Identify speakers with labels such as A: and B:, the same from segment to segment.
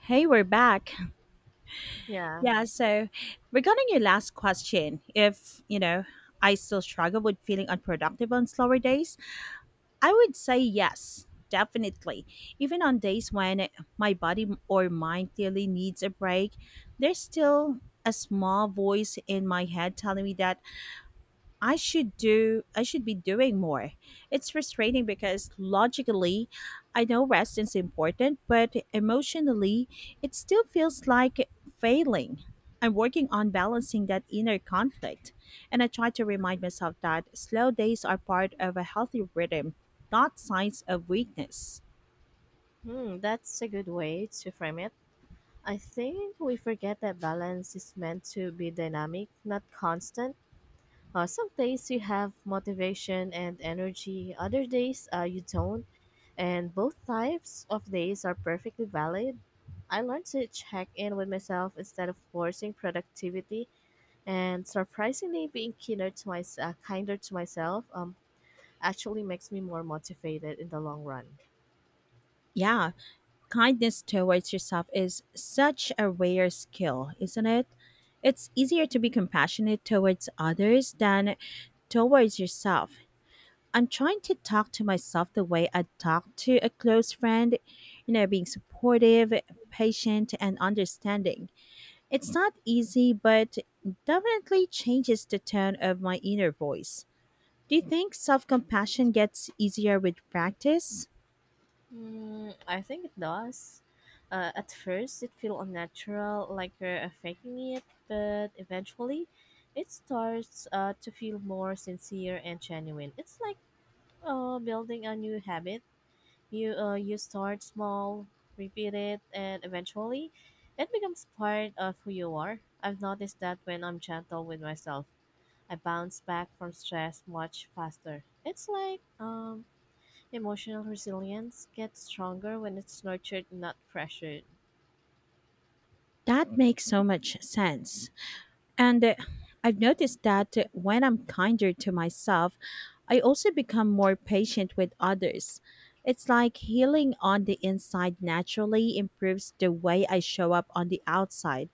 A: Hey, we're back.
B: Yeah,
A: Yeah, so regarding your last question, if, you know, I still struggle with feeling unproductive on slower days, I would say yes, definitely. Even on days when my body or mind clearly needs a break, there's still a small voice in my head telling me that I should be doing more. It's frustrating because logically I know rest is important, but emotionally it still feels like failing. I'm working on balancing that inner conflict, and I try to remind myself that slow days are part of a healthy rhythm, not signs of weakness.
B: hmm, that's a good way to frame it. I think we forget that balance is meant to be dynamic, not constant. Some days you have motivation and energy, other days you don't, and both types of days are perfectly valid. I learned to check in with myself instead of forcing productivity, and surprisingly, being kinder to my kinder to myself. Actually makes me more motivated in the long run.
A: Yeah, kindness towards yourself is such a rare skill, isn't it? It's easier to be compassionate towards others than towards yourself. I'm trying to talk to myself the way I talk to a close friend, being supportive, patient, and understanding. It's not easy, but definitely changes the tone of my inner voice. Do you think self compassion gets easier with practice?
B: Mm, I think it does. At first, it feels unnatural, like you're faking it, but eventually, it starts to feel more sincere and genuine. It's like building a new habit. You start small, repeat it, and eventually, it becomes part of who you are. I've noticed that when I'm gentle with myself, I bounce back from stress much faster. It's like emotional resilience gets stronger when it's nurtured, not pressured.
A: That makes so much sense. And I've noticed that when I'm kinder to myself, I also become more patient with others. It's like healing on the inside naturally improves the way I show up on the outside.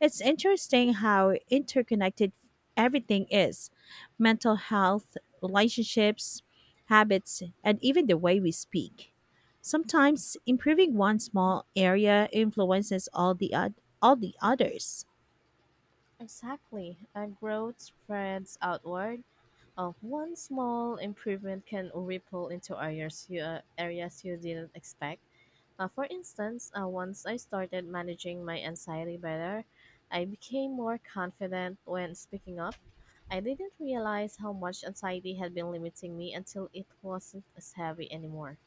A: It's interesting how interconnected everything is: mental health, relationships, habits, and even the way we speak. Sometimes improving one small area influences all the others.
B: Exactly, and growth spreads outward. One small improvement can ripple into areas you didn't expect. For instance, once I started managing my anxiety better, I became more confident when speaking up. I didn't realize how much anxiety had been limiting me until it wasn't as heavy anymore.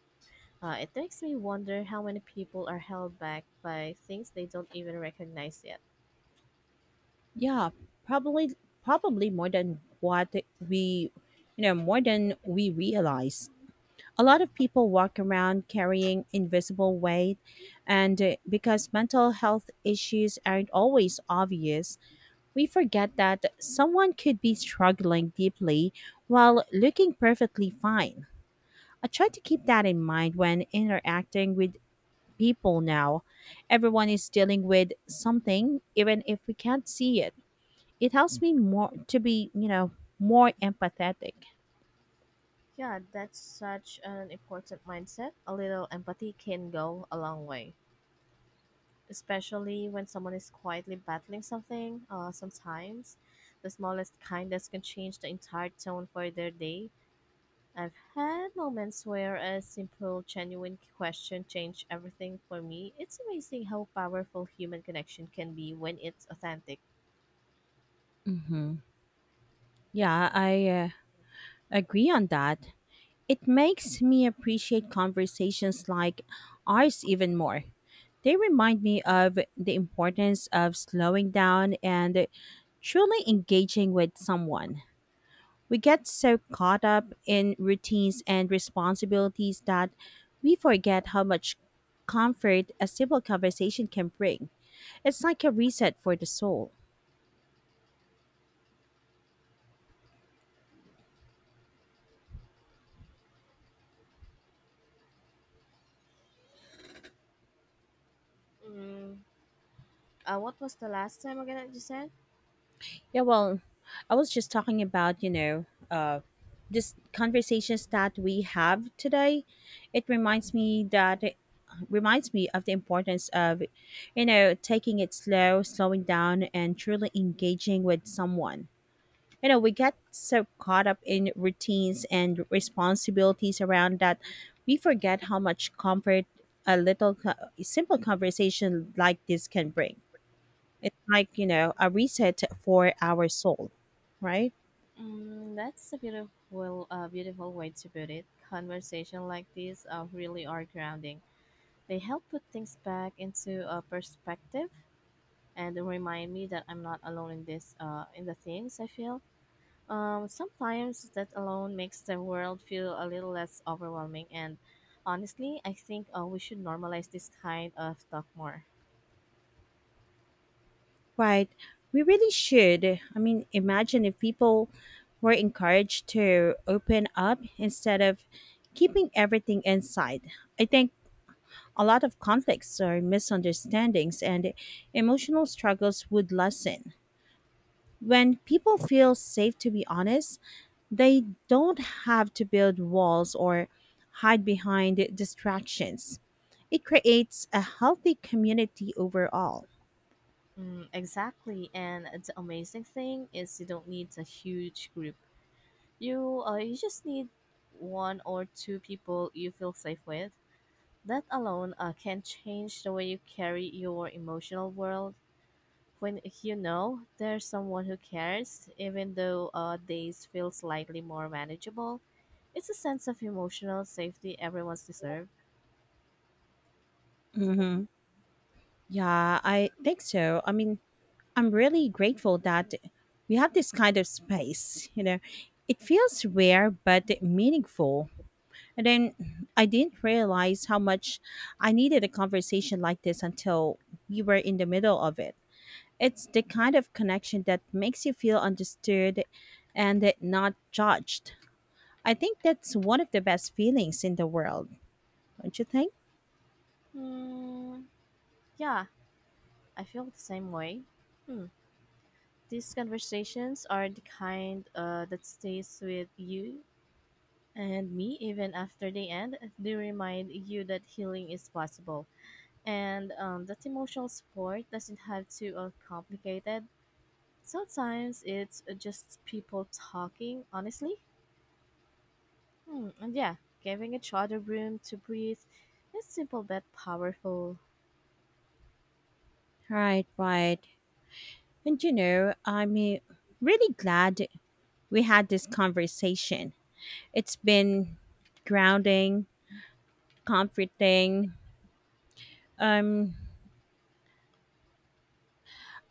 B: It makes me wonder how many people are held back by things they don't even recognize yet.
A: Yeah, probably probably more than what we you know, more than we realize. A lot of people walk around carrying invisible weight and because mental health issues aren't always obvious, we forget that someone could be struggling deeply while looking perfectly fine. I try to keep that in mind when interacting with people now. Everyone is dealing with something. Even if we can't see it, it helps me more to be, more empathetic.
B: Yeah, that's such an important mindset. A little empathy can go a long way, especially when someone is quietly battling something. Sometimes the smallest kindness can change the entire tone for their day. I've had moments where a simple, genuine question changed everything for me. It's amazing how powerful human connection can be when it's authentic.
A: Mm-hmm. Yeah, I agree on that. It makes me appreciate conversations like ours even more. They remind me of the importance of slowing down and truly engaging with someone. We get so caught up in routines and responsibilities that we forget how much comfort a simple conversation can bring. It's like a reset for the soul.
B: Mm, what was the last time again that you said?
A: Yeah, well, I was just talking about, this conversations that we have today. It reminds me of the importance of, you know, taking it slow, slowing down, and truly engaging with someone. You know, we get so caught up in routines and responsibilities around that we forget how much comfort a little co- simple conversation like this can bring. It's like, you know, a reset for our soul, right?
B: Mm, that's a beautiful way to put it. Conversation like these really are grounding. They help put things back into a perspective and remind me that I'm not alone in this in the things I feel. Sometimes that alone makes the world feel a little less overwhelming. And honestly, I think we should normalize this kind of talk more.
A: Right. We really should. I mean, imagine if people were encouraged to open up instead of keeping everything inside. I think a lot of conflicts or misunderstandings and emotional struggles would lessen. When people feel safe to be honest, they don't have to build walls or hide behind distractions. It creates a healthy community overall.
B: Mm, exactly. And the amazing thing is you don't need a huge group. You just need one or two people you feel safe with. That alone can change the way you carry your emotional world when you know there's someone who cares, even though days feel slightly more manageable, it's a sense of emotional safety everyone's deserve.
A: Hmm. Yeah, I think so. I mean, I'm really grateful that we have this kind of space. You know, it feels rare but meaningful. And then I didn't realize how much I needed a conversation like this until we were in the middle of it. It's the kind of connection that makes you feel understood and not judged. I think that's one of the best feelings in the world, don't you think?
B: Hmm, yeah, I feel the same way. Hmm. These conversations are the kind that stays with you and me even after they end. They remind you that healing is possible and that emotional support doesn't have to complicated. Sometimes it's just people talking, honestly. Hmm, and yeah, giving each other room to breathe is simple but powerful.
A: Right, right. And you know, I'm really glad we had this conversation. It's been grounding, comforting, um,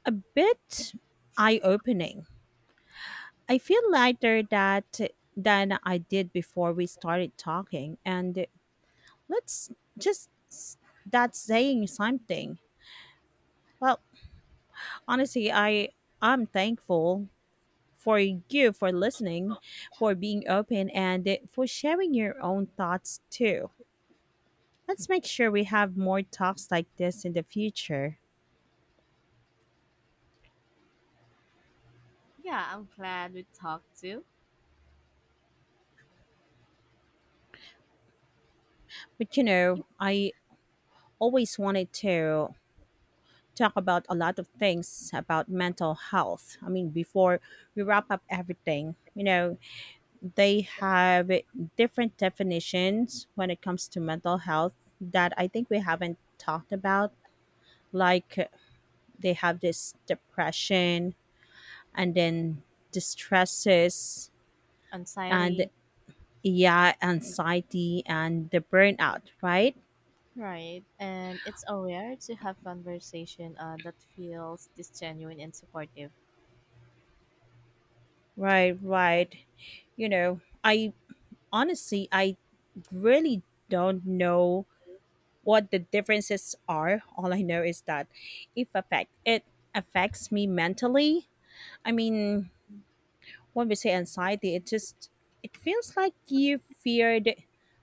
A: a bit eye opening. I feel lighter that than I did before we started talking, and let's just s- that's saying something. Well, honestly, I'm thankful for you for listening, for being open, and for sharing your own thoughts too. Let's make sure we have more talks like this in the future.
B: Yeah, I'm glad we talked too.
A: But you
B: I
A: know,
B: keep
A: I always wanted to talk about a lot of things about mental health. I mean, before we wrap up everything, you know, they
B: thinking.
A: have different definitions when it comes to mental health that I think we haven't talked about. Like, they have this depression and then distresses and
B: Anxiety,
A: yeah, anxiety and the burnout, right?
B: right? And it's so rare to have conversation that feels this genuine and supportive.
A: Right,
B: And
A: right. You know, I honestly, I really don't know what the differences are. All I know is that if affect it affects me mentally. I mean, when we say anxiety, it feels like you feared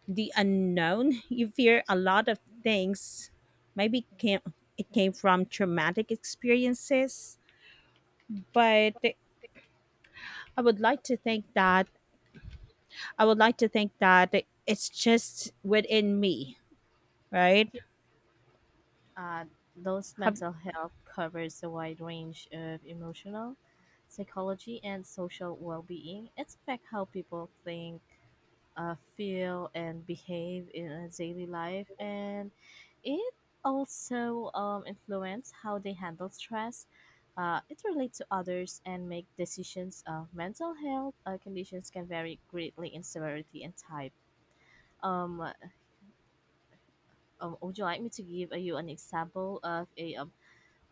A: the unknown. You fear a lot of things. Maybe it came from traumatic experiences, but I would like to think that I would like to think that it's just within me, right?
B: uh, those
A: Have
B: mental health covers a wide range of emotional, psychology, and social well-being. It's affect how people think, feel and behave in a daily life and it also influence how they handle stress it relates to others and make decisions mental health conditions can vary greatly in severity and type. um, would you like me to give you an example of a, um,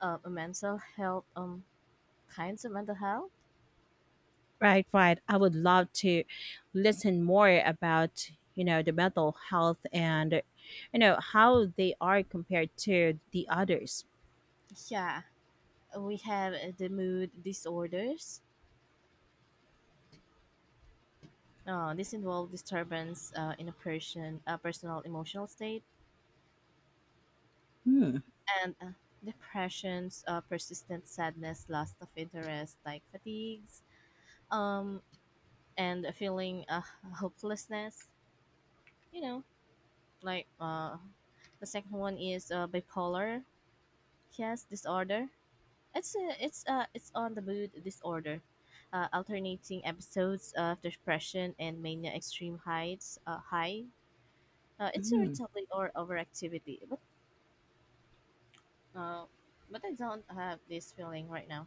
B: uh, a mental health kinds of mental health?
A: Right, right. I would love to listen more about, you know, the mental health and, you know, how they are compared to the others.
B: Yeah, we have the mood disorders. This involved disturbance in a person, personal emotional state
A: Hmm.
B: and depressions, persistent sadness, loss of interest, like fatigues, um, and a feeling hopelessness. You know, like the second one is bipolar yes disorder. It's a, it's it's on the mood disorder. Alternating episodes of depression and mania extreme heights high it's
A: Hmm.
B: irritability or overactivity. Uh, but I don't have this feeling right now.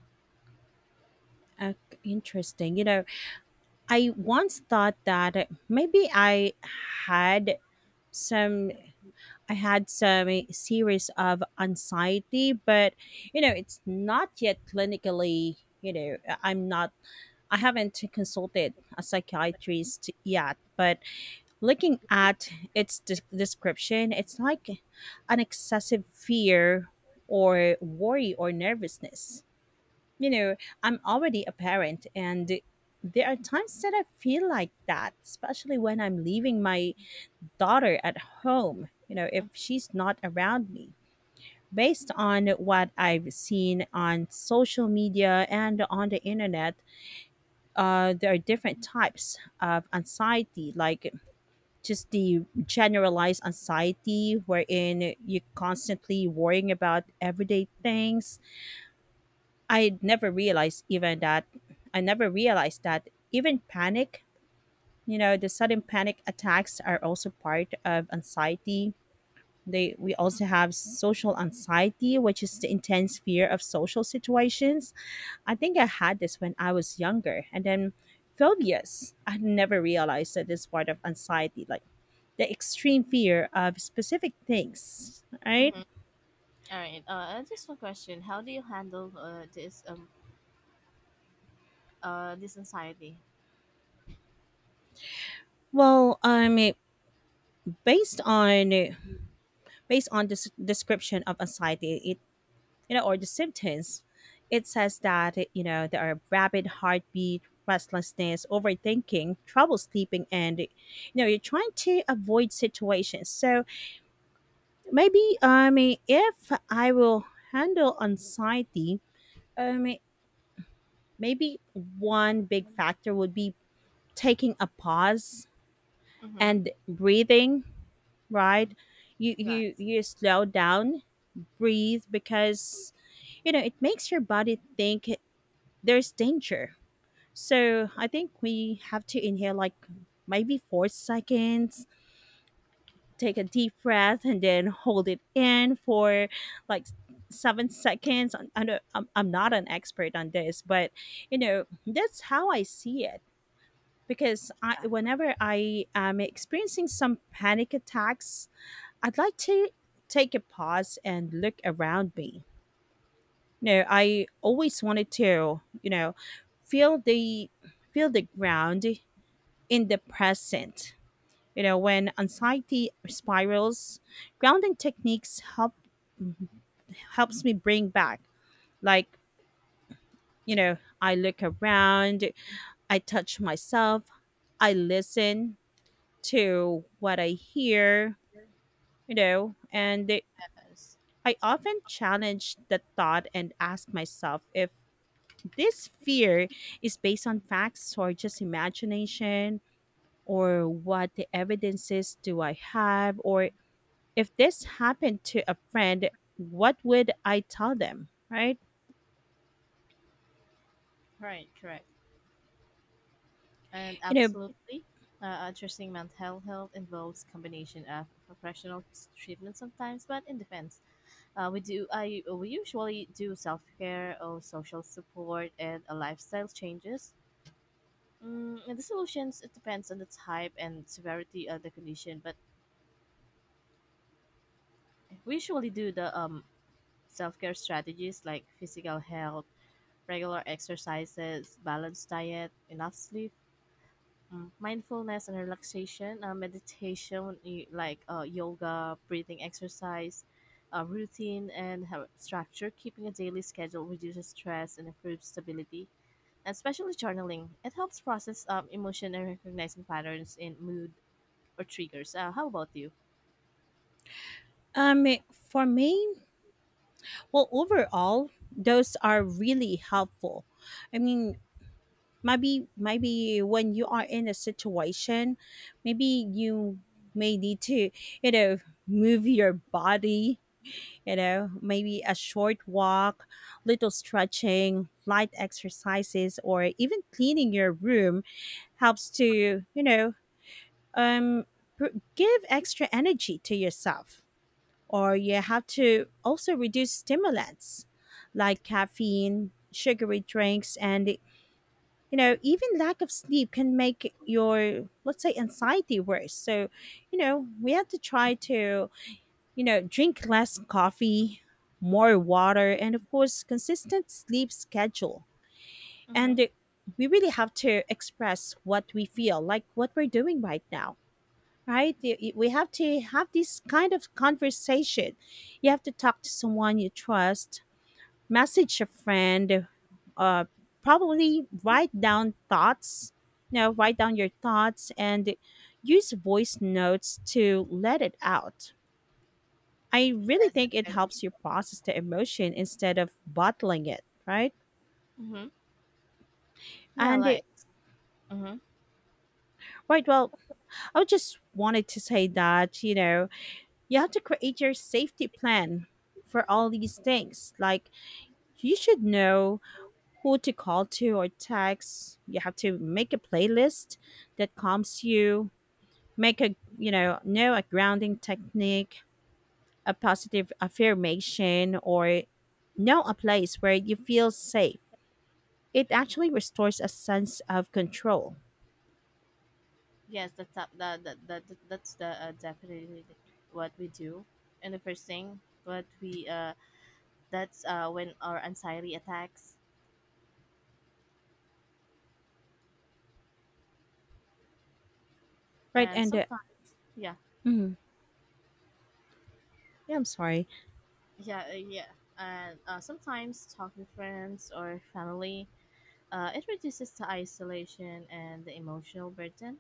A: Uh, interesting. You know, I once thought that maybe had some, I had some series of anxiety, but, you know, it's not yet clinically, I haven't consulted a psychiatrist yet, but looking at its description, it's like an excessive fear or worry or nervousness. You know, I'm already a parent, and there are times that I feel like that, especially when I'm leaving my daughter at home, you know, if she's not around me. Based on what I've seen on social media and on the internet, there are different types of anxiety, like just the generalized anxiety wherein you're constantly worrying about everyday things. I never realized even that I never realized that even panic, you know, the sudden panic attacks are also part of anxiety. They we also have social anxiety, which is the intense fear of social situations. I think I had this when I was younger. And then phobias. I never realized that this part of anxiety, like the extreme fear of specific things, right?
B: Mm-hmm. All right. Just one question. How do you handle this this anxiety?
A: Well, based on based on this description of anxiety, it you know, or the symptoms, it says that you know there are rapid heartbeat, restlessness, overthinking, trouble sleeping, and you know you're trying to avoid situations. So maybe if I will handle anxiety, um, maybe one big factor would be taking a pause
B: Mm-hmm.
A: and breathing, right?
B: Mm.
A: you
B: Yes.
A: you you slow down, breathe, because you know it makes your body think there's danger. So I think we have to inhale like maybe 4 seconds, take a deep breath and then hold it in for like 7 seconds. I'm not an expert on this, but you know that's how I see it. Because
B: Yeah.
A: whenever I am experiencing some panic attacks, I'd like to take a pause and look around me. No, I always wanted to, you know, feel the feel the ground in the present. You know, when anxiety spirals, grounding techniques help helps me bring back. Like, you know, I look around, I touch myself, I listen to what I hear, you know, and
B: Yes.
A: I often challenge the thought and ask myself if this fear is based on facts or just imagination, or what the evidences do I have, or if this happened to a friend, what would I tell them, right?
B: Right. Correct. And
A: You know,
B: absolutely. Addressing mental health involves combination of professional s- treatment sometimes, but in defense, we usually do self care or social support and lifestyle changes. Mm, the solutions it depends on the type and severity of the condition, but we usually do the self care strategies like physical health, regular exercises, balanced diet, enough sleep, mm, mindfulness and relaxation, meditation like yoga, breathing exercise, routine and structure. Keeping a daily schedule reduces stress and improves stability. And especially journaling, it helps process emotion and recognizing patterns in mood or triggers. How about you?
A: um, for me, well, overall, those are really helpful. I mean, maybe when you are in a situation, maybe you may need to, you know, move your body, you know, maybe a short walk, little stretching, light exercises, or even cleaning your room helps to, you know, um, give extra energy to yourself. Or you have to also reduce stimulants like caffeine, sugary drinks, and you know, even lack of sleep can make your, let's say, anxiety worse. So you know we have to try to, you know, drink less coffee, more water, and of course consistent sleep schedule.
B: Mm-hmm.
A: And we really have to express what we feel like what we're doing right now, right? We have to have this kind of conversation. You have to talk to someone you trust, message a friend, uh, probably write down thoughts, you know, write down your thoughts and use voice notes to let it out. I really
B: Yes,
A: think it
B: I agree.
A: helps you process the emotion instead of bottling it, right?
B: Mm-hmm. Yeah,
A: and it,
B: like. Mm-hmm.
A: right, well, I just wanted to say that you know you have to create your safety plan for all these things. Like, you should know who to call to or text. You have to make a playlist that calms you, make a, you know a grounding technique, a positive affirmation, or know a place where you feel safe. It actually restores a sense of control,
B: Yes, the top, the that's the definitely what we do. And the first thing what we, that's when our anxiety attacks,
A: right?
B: and
A: And
B: sometimes yeah.
A: mhm. Yeah, I'm sorry,
B: Yeah, and sometimes talking to friends or family it reduces the isolation and the emotional burden,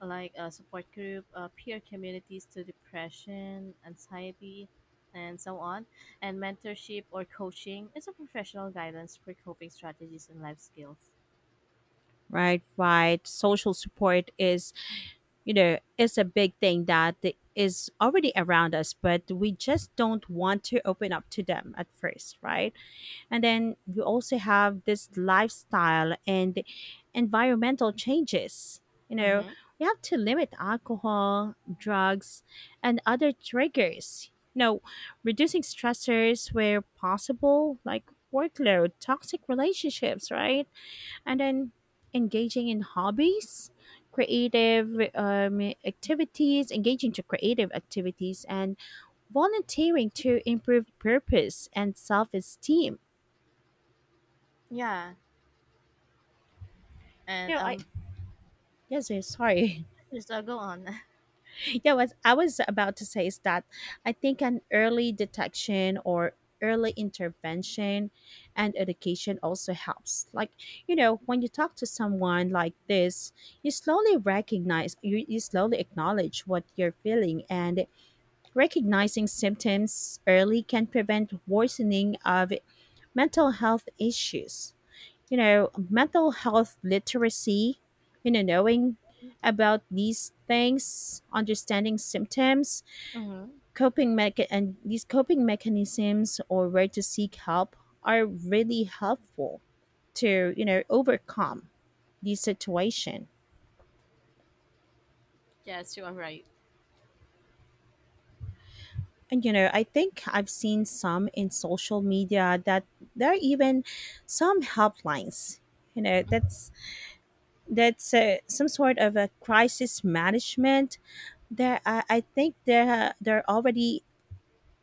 B: like a support group, peer communities to depression, anxiety, and so on, and mentorship or coaching is a professional guidance for coping strategies and life skills.
A: right? Right. Social support is, you know, is a big thing that is already around us, but we just don't want to open up to them at first, right? And then we also have this lifestyle and environmental changes, you know
B: Mm-hmm.
A: we have to limit alcohol, drugs and other triggers, reducing stressors where possible, like workload, toxic relationships, right? And then engaging in hobbies, creative activities, engaging to creative activities, and volunteering to improve purpose and self-esteem.
B: Yeah, and
A: I... Yes, yes, sorry.
B: just go on.
A: Yeah, what I was about to say is that I think an early detection or early intervention and education also helps. Like, you know, when you talk to someone like this, you slowly recognize, you slowly acknowledge what you're feeling, and recognizing symptoms early can prevent worsening of mental health issues. Mental health literacy, knowing about these things, understanding symptoms,
B: Mm-hmm.
A: and these coping mechanisms or where to seek help are really helpful to, overcome the situation.
B: Yes, you are right.
A: And you know, I think I've seen some in social media that there are even some helplines, you know, that's some sort of a crisis management there. I think there are already,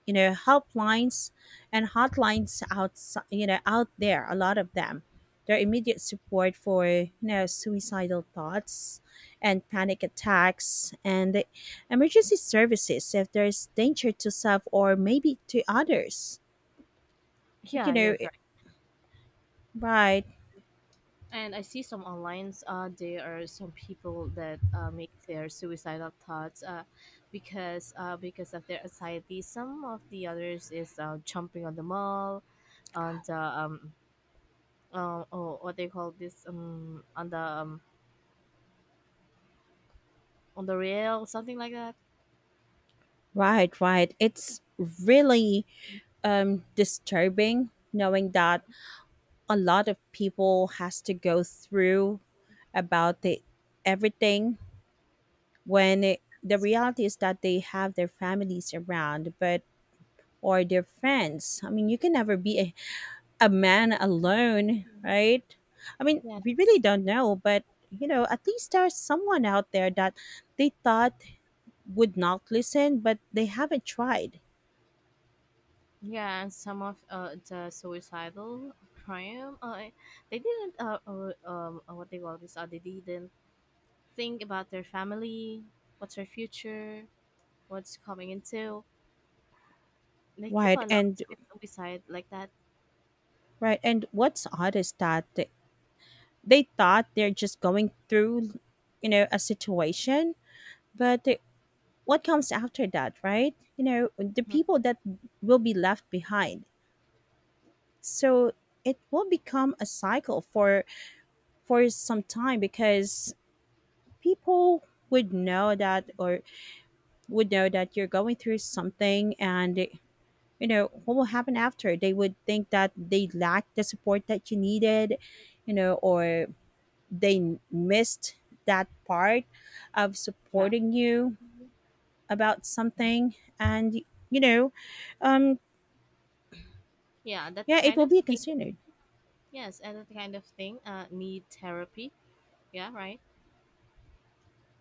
A: you know, helplines and hotlines out, out there, a lot of them. Their immediate support for, suicidal thoughts and panic attacks, and the emergency services if there's danger to self or maybe to others. But
B: Yeah, you're.
A: right.
B: And I see some online, there are some people that make their suicidal thoughts because of their anxiety. Some of the others is jumping on the mall, on the oh, what they call this on the rail, something like that.
A: Right, it's really disturbing knowing that a lot of people has to go through about the everything. The reality is that they have their families around, but, or their friends. I mean, you can never be a man alone, right? I mean, we really
B: Yes,
A: don't know. But you know, at least there's someone out there that they thought would not listen, but they haven't tried.
B: yeah. And some of the suicidal crime, they didn't what they call this. They didn't think about their family, what's their future what's coming into. They keep
A: Right.
B: on us
A: And
B: beside like that.
A: right, and what's odd is that they thought they're just going through, you know, a situation, but the- what comes after that, right? You know, the
B: Mhm.
A: people that will be left behind. So it will become a cycle for some time, because people would know that, or would know that you're going through something. And you know what will happen after? They would think that they lack the support that you needed, you know, or they missed that part of
B: Yeah,
A: supporting you about something. And you know um
B: yeah, that
A: yeah, it
B: kind
A: will
B: of
A: be
B: thing.
A: considered.
B: Yes, and that kind of thing. Need therapy. Yeah, right.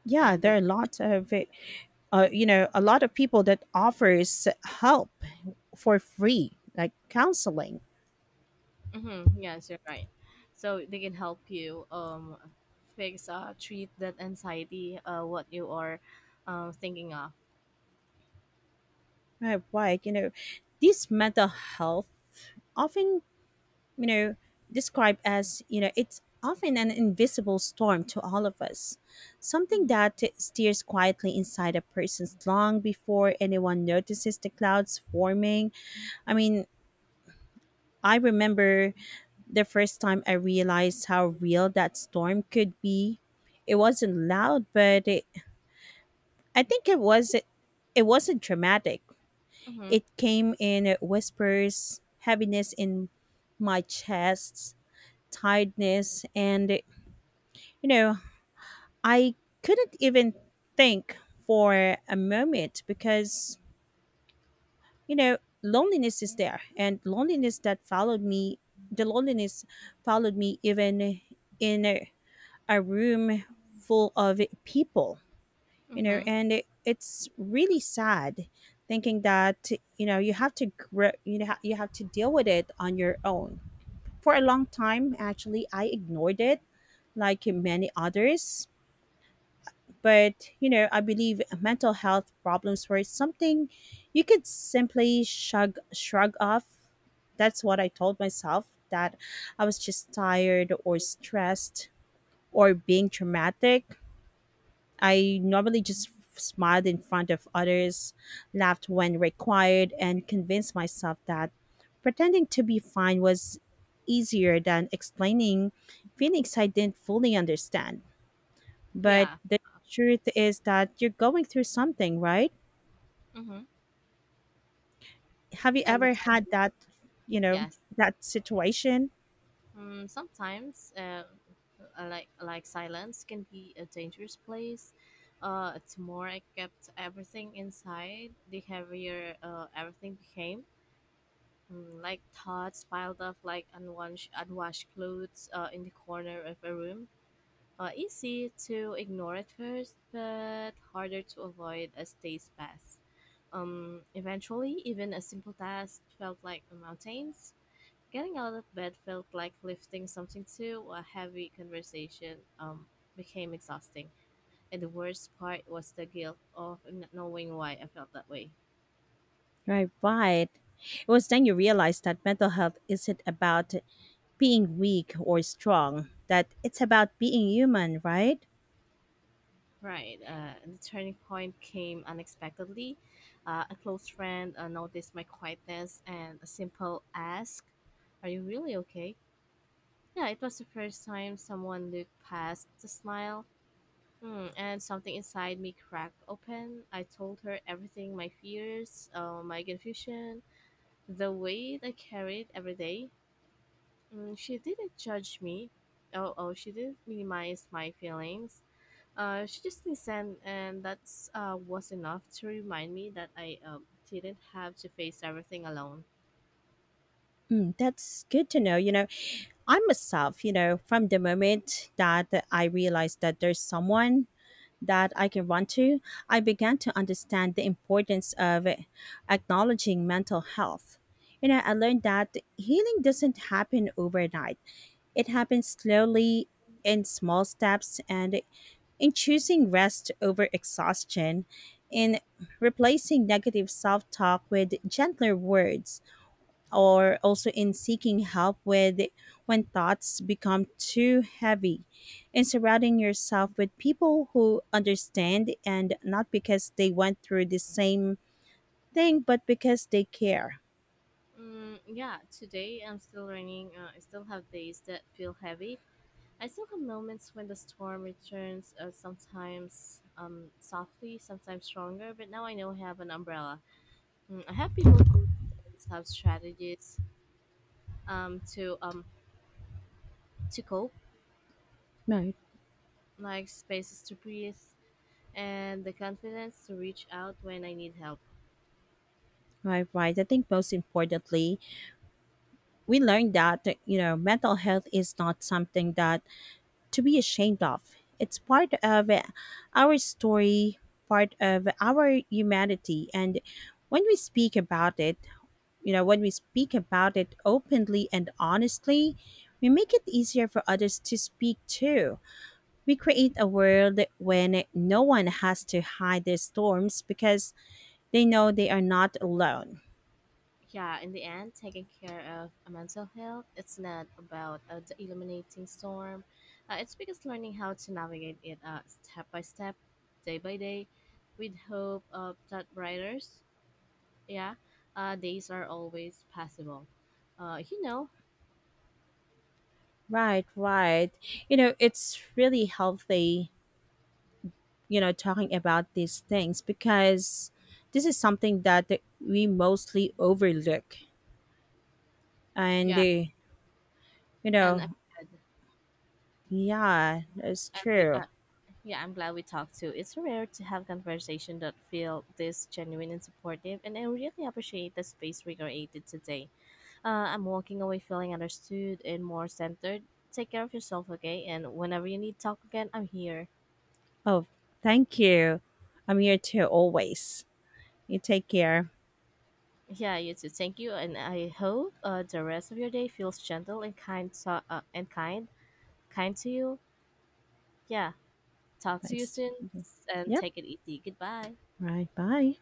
A: Yeah,
B: And
A: there
B: but
A: are lots of it. You know, a lot of people that offers help for free, like counseling.
B: hmm yes, you're right. So they can help you fix treat that anxiety what you are thinking of.
A: Right, you know, this mental health, often, you know, described as, you know, it's often an invisible storm to all of us, something
B: Mm-hmm,
A: that steers quietly inside a person's long before anyone notices the clouds forming. I mean, I remember the first time I realized how real that storm could be. It wasn't loud, I think it wasn't dramatic.
B: mm-hmm,
A: It came in whispers, heaviness in my chest, tiredness, and, you know, I couldn't even think for a moment because, you know, loneliness is there, and loneliness that followed me, the loneliness followed me even in a room full of people. You know,
B: mm-hmm.
A: and it's really sad thinking that, you know, you have to grow, you know, you have to deal with it on your own. For a long time, actually, I ignored it, like many others. But, you know, I believe mental health problems were something you could simply shrug off. That's what I told myself, that I was just tired or stressed, or being traumatic. I normally just smiled in front of others, laughed when required, and convinced myself that pretending to be fine was easier than explaining feelings I didn't fully understand. But
B: Yeah.
A: the truth is that you're going through something, right?
B: Mm-hmm.
A: Have you
B: And the
A: ever had
B: cycle.
A: that, you know,
B: Yes.
A: that situation?
B: Sometimes like silence can be a dangerous place. It's more I kept everything inside, the heavier everything became. Mm, like thoughts piled up like unwashed clothes in the corner of a room. Easy to ignore at first, but harder to avoid as days pass. Eventually, even a simple task felt like mountains. Getting out of bed felt like lifting something too a heavy conversation became exhausting. And the worst part was the guilt of not knowing why I felt that way.
A: Right, right. It was then you realized that mental health isn't about being weak or strong, that it's about being human, right?
B: Right. And the turning point came unexpectedly. A close friend noticed my quietness and a simple ask, "Are you really okay?" Yeah, it was the first time someone looked past the smile. Hmm, and something inside me cracked open. I told her everything my fears, my confusion, the weight I carried every day. Mm, she didn't judge me. Oh, she didn't minimize my feelings. She just listened, and that's was enough to remind me that I didn't have to face everything alone.
A: Mm, that's good to know. You know, I myself, you know, from the moment that I realized that there's someone that I can run to, I began to understand the importance of acknowledging mental health. You know, I learned that healing doesn't happen overnight, it happens slowly, in small steps, and in choosing rest over exhaustion, in replacing negative self talk with gentler words, or also in seeking help with when thoughts become too heavy, in surrounding yourself with people who understand, and not because they went through the same thing, but because they care.
B: Mm, yeah, today I'm still learning. I still have days that feel heavy. I still have moments when the storm returns, sometimes softly, sometimes stronger, but now I know I have an umbrella. Mm, I have people who have strategies um, to um, to cope,
A: Right,
B: like spaces to breathe, and the confidence to reach out when I need help.
A: right, right. I think most importantly, we learned that, you know, mental health is not something that to be ashamed of. It's part of our story, part of our humanity. And when we speak about it, you know, when we speak about it openly and honestly, we make it easier for others to speak too. We create a world when no one has to hide their storms because they know they are not alone.
B: Yeah, in the end, taking care of a mental health, it's not about the illuminating storm. It's because learning how to navigate it step by step, day by day, with hope of that brighters, yeah, days are always possible. Uh, you know,
A: Right, right. You know, it's really healthy, you know, talking about these things, because this is something that we mostly overlook, and
B: yeah,
A: you
B: and
A: know...
B: I'm glad,
A: Yeah, that's
B: and we,
A: true.
B: uh, yeah, I'm glad we talked too. It's rare to have conversation that feel this genuine and supportive, and I really appreciate the space we created today. I'm walking away feeling understood and more centered. Take care of yourself, okay? And whenever you need talk again, I'm here.
A: Oh, thank you. I'm here too, always. You take care.
B: Yeah, you too. Thank you, and I hope the rest of your day feels gentle and kind, kind to you. Yeah, talk to you
A: Thanks.
B: soon, and
A: Yep.
B: take it easy. Goodbye.
A: Right, bye.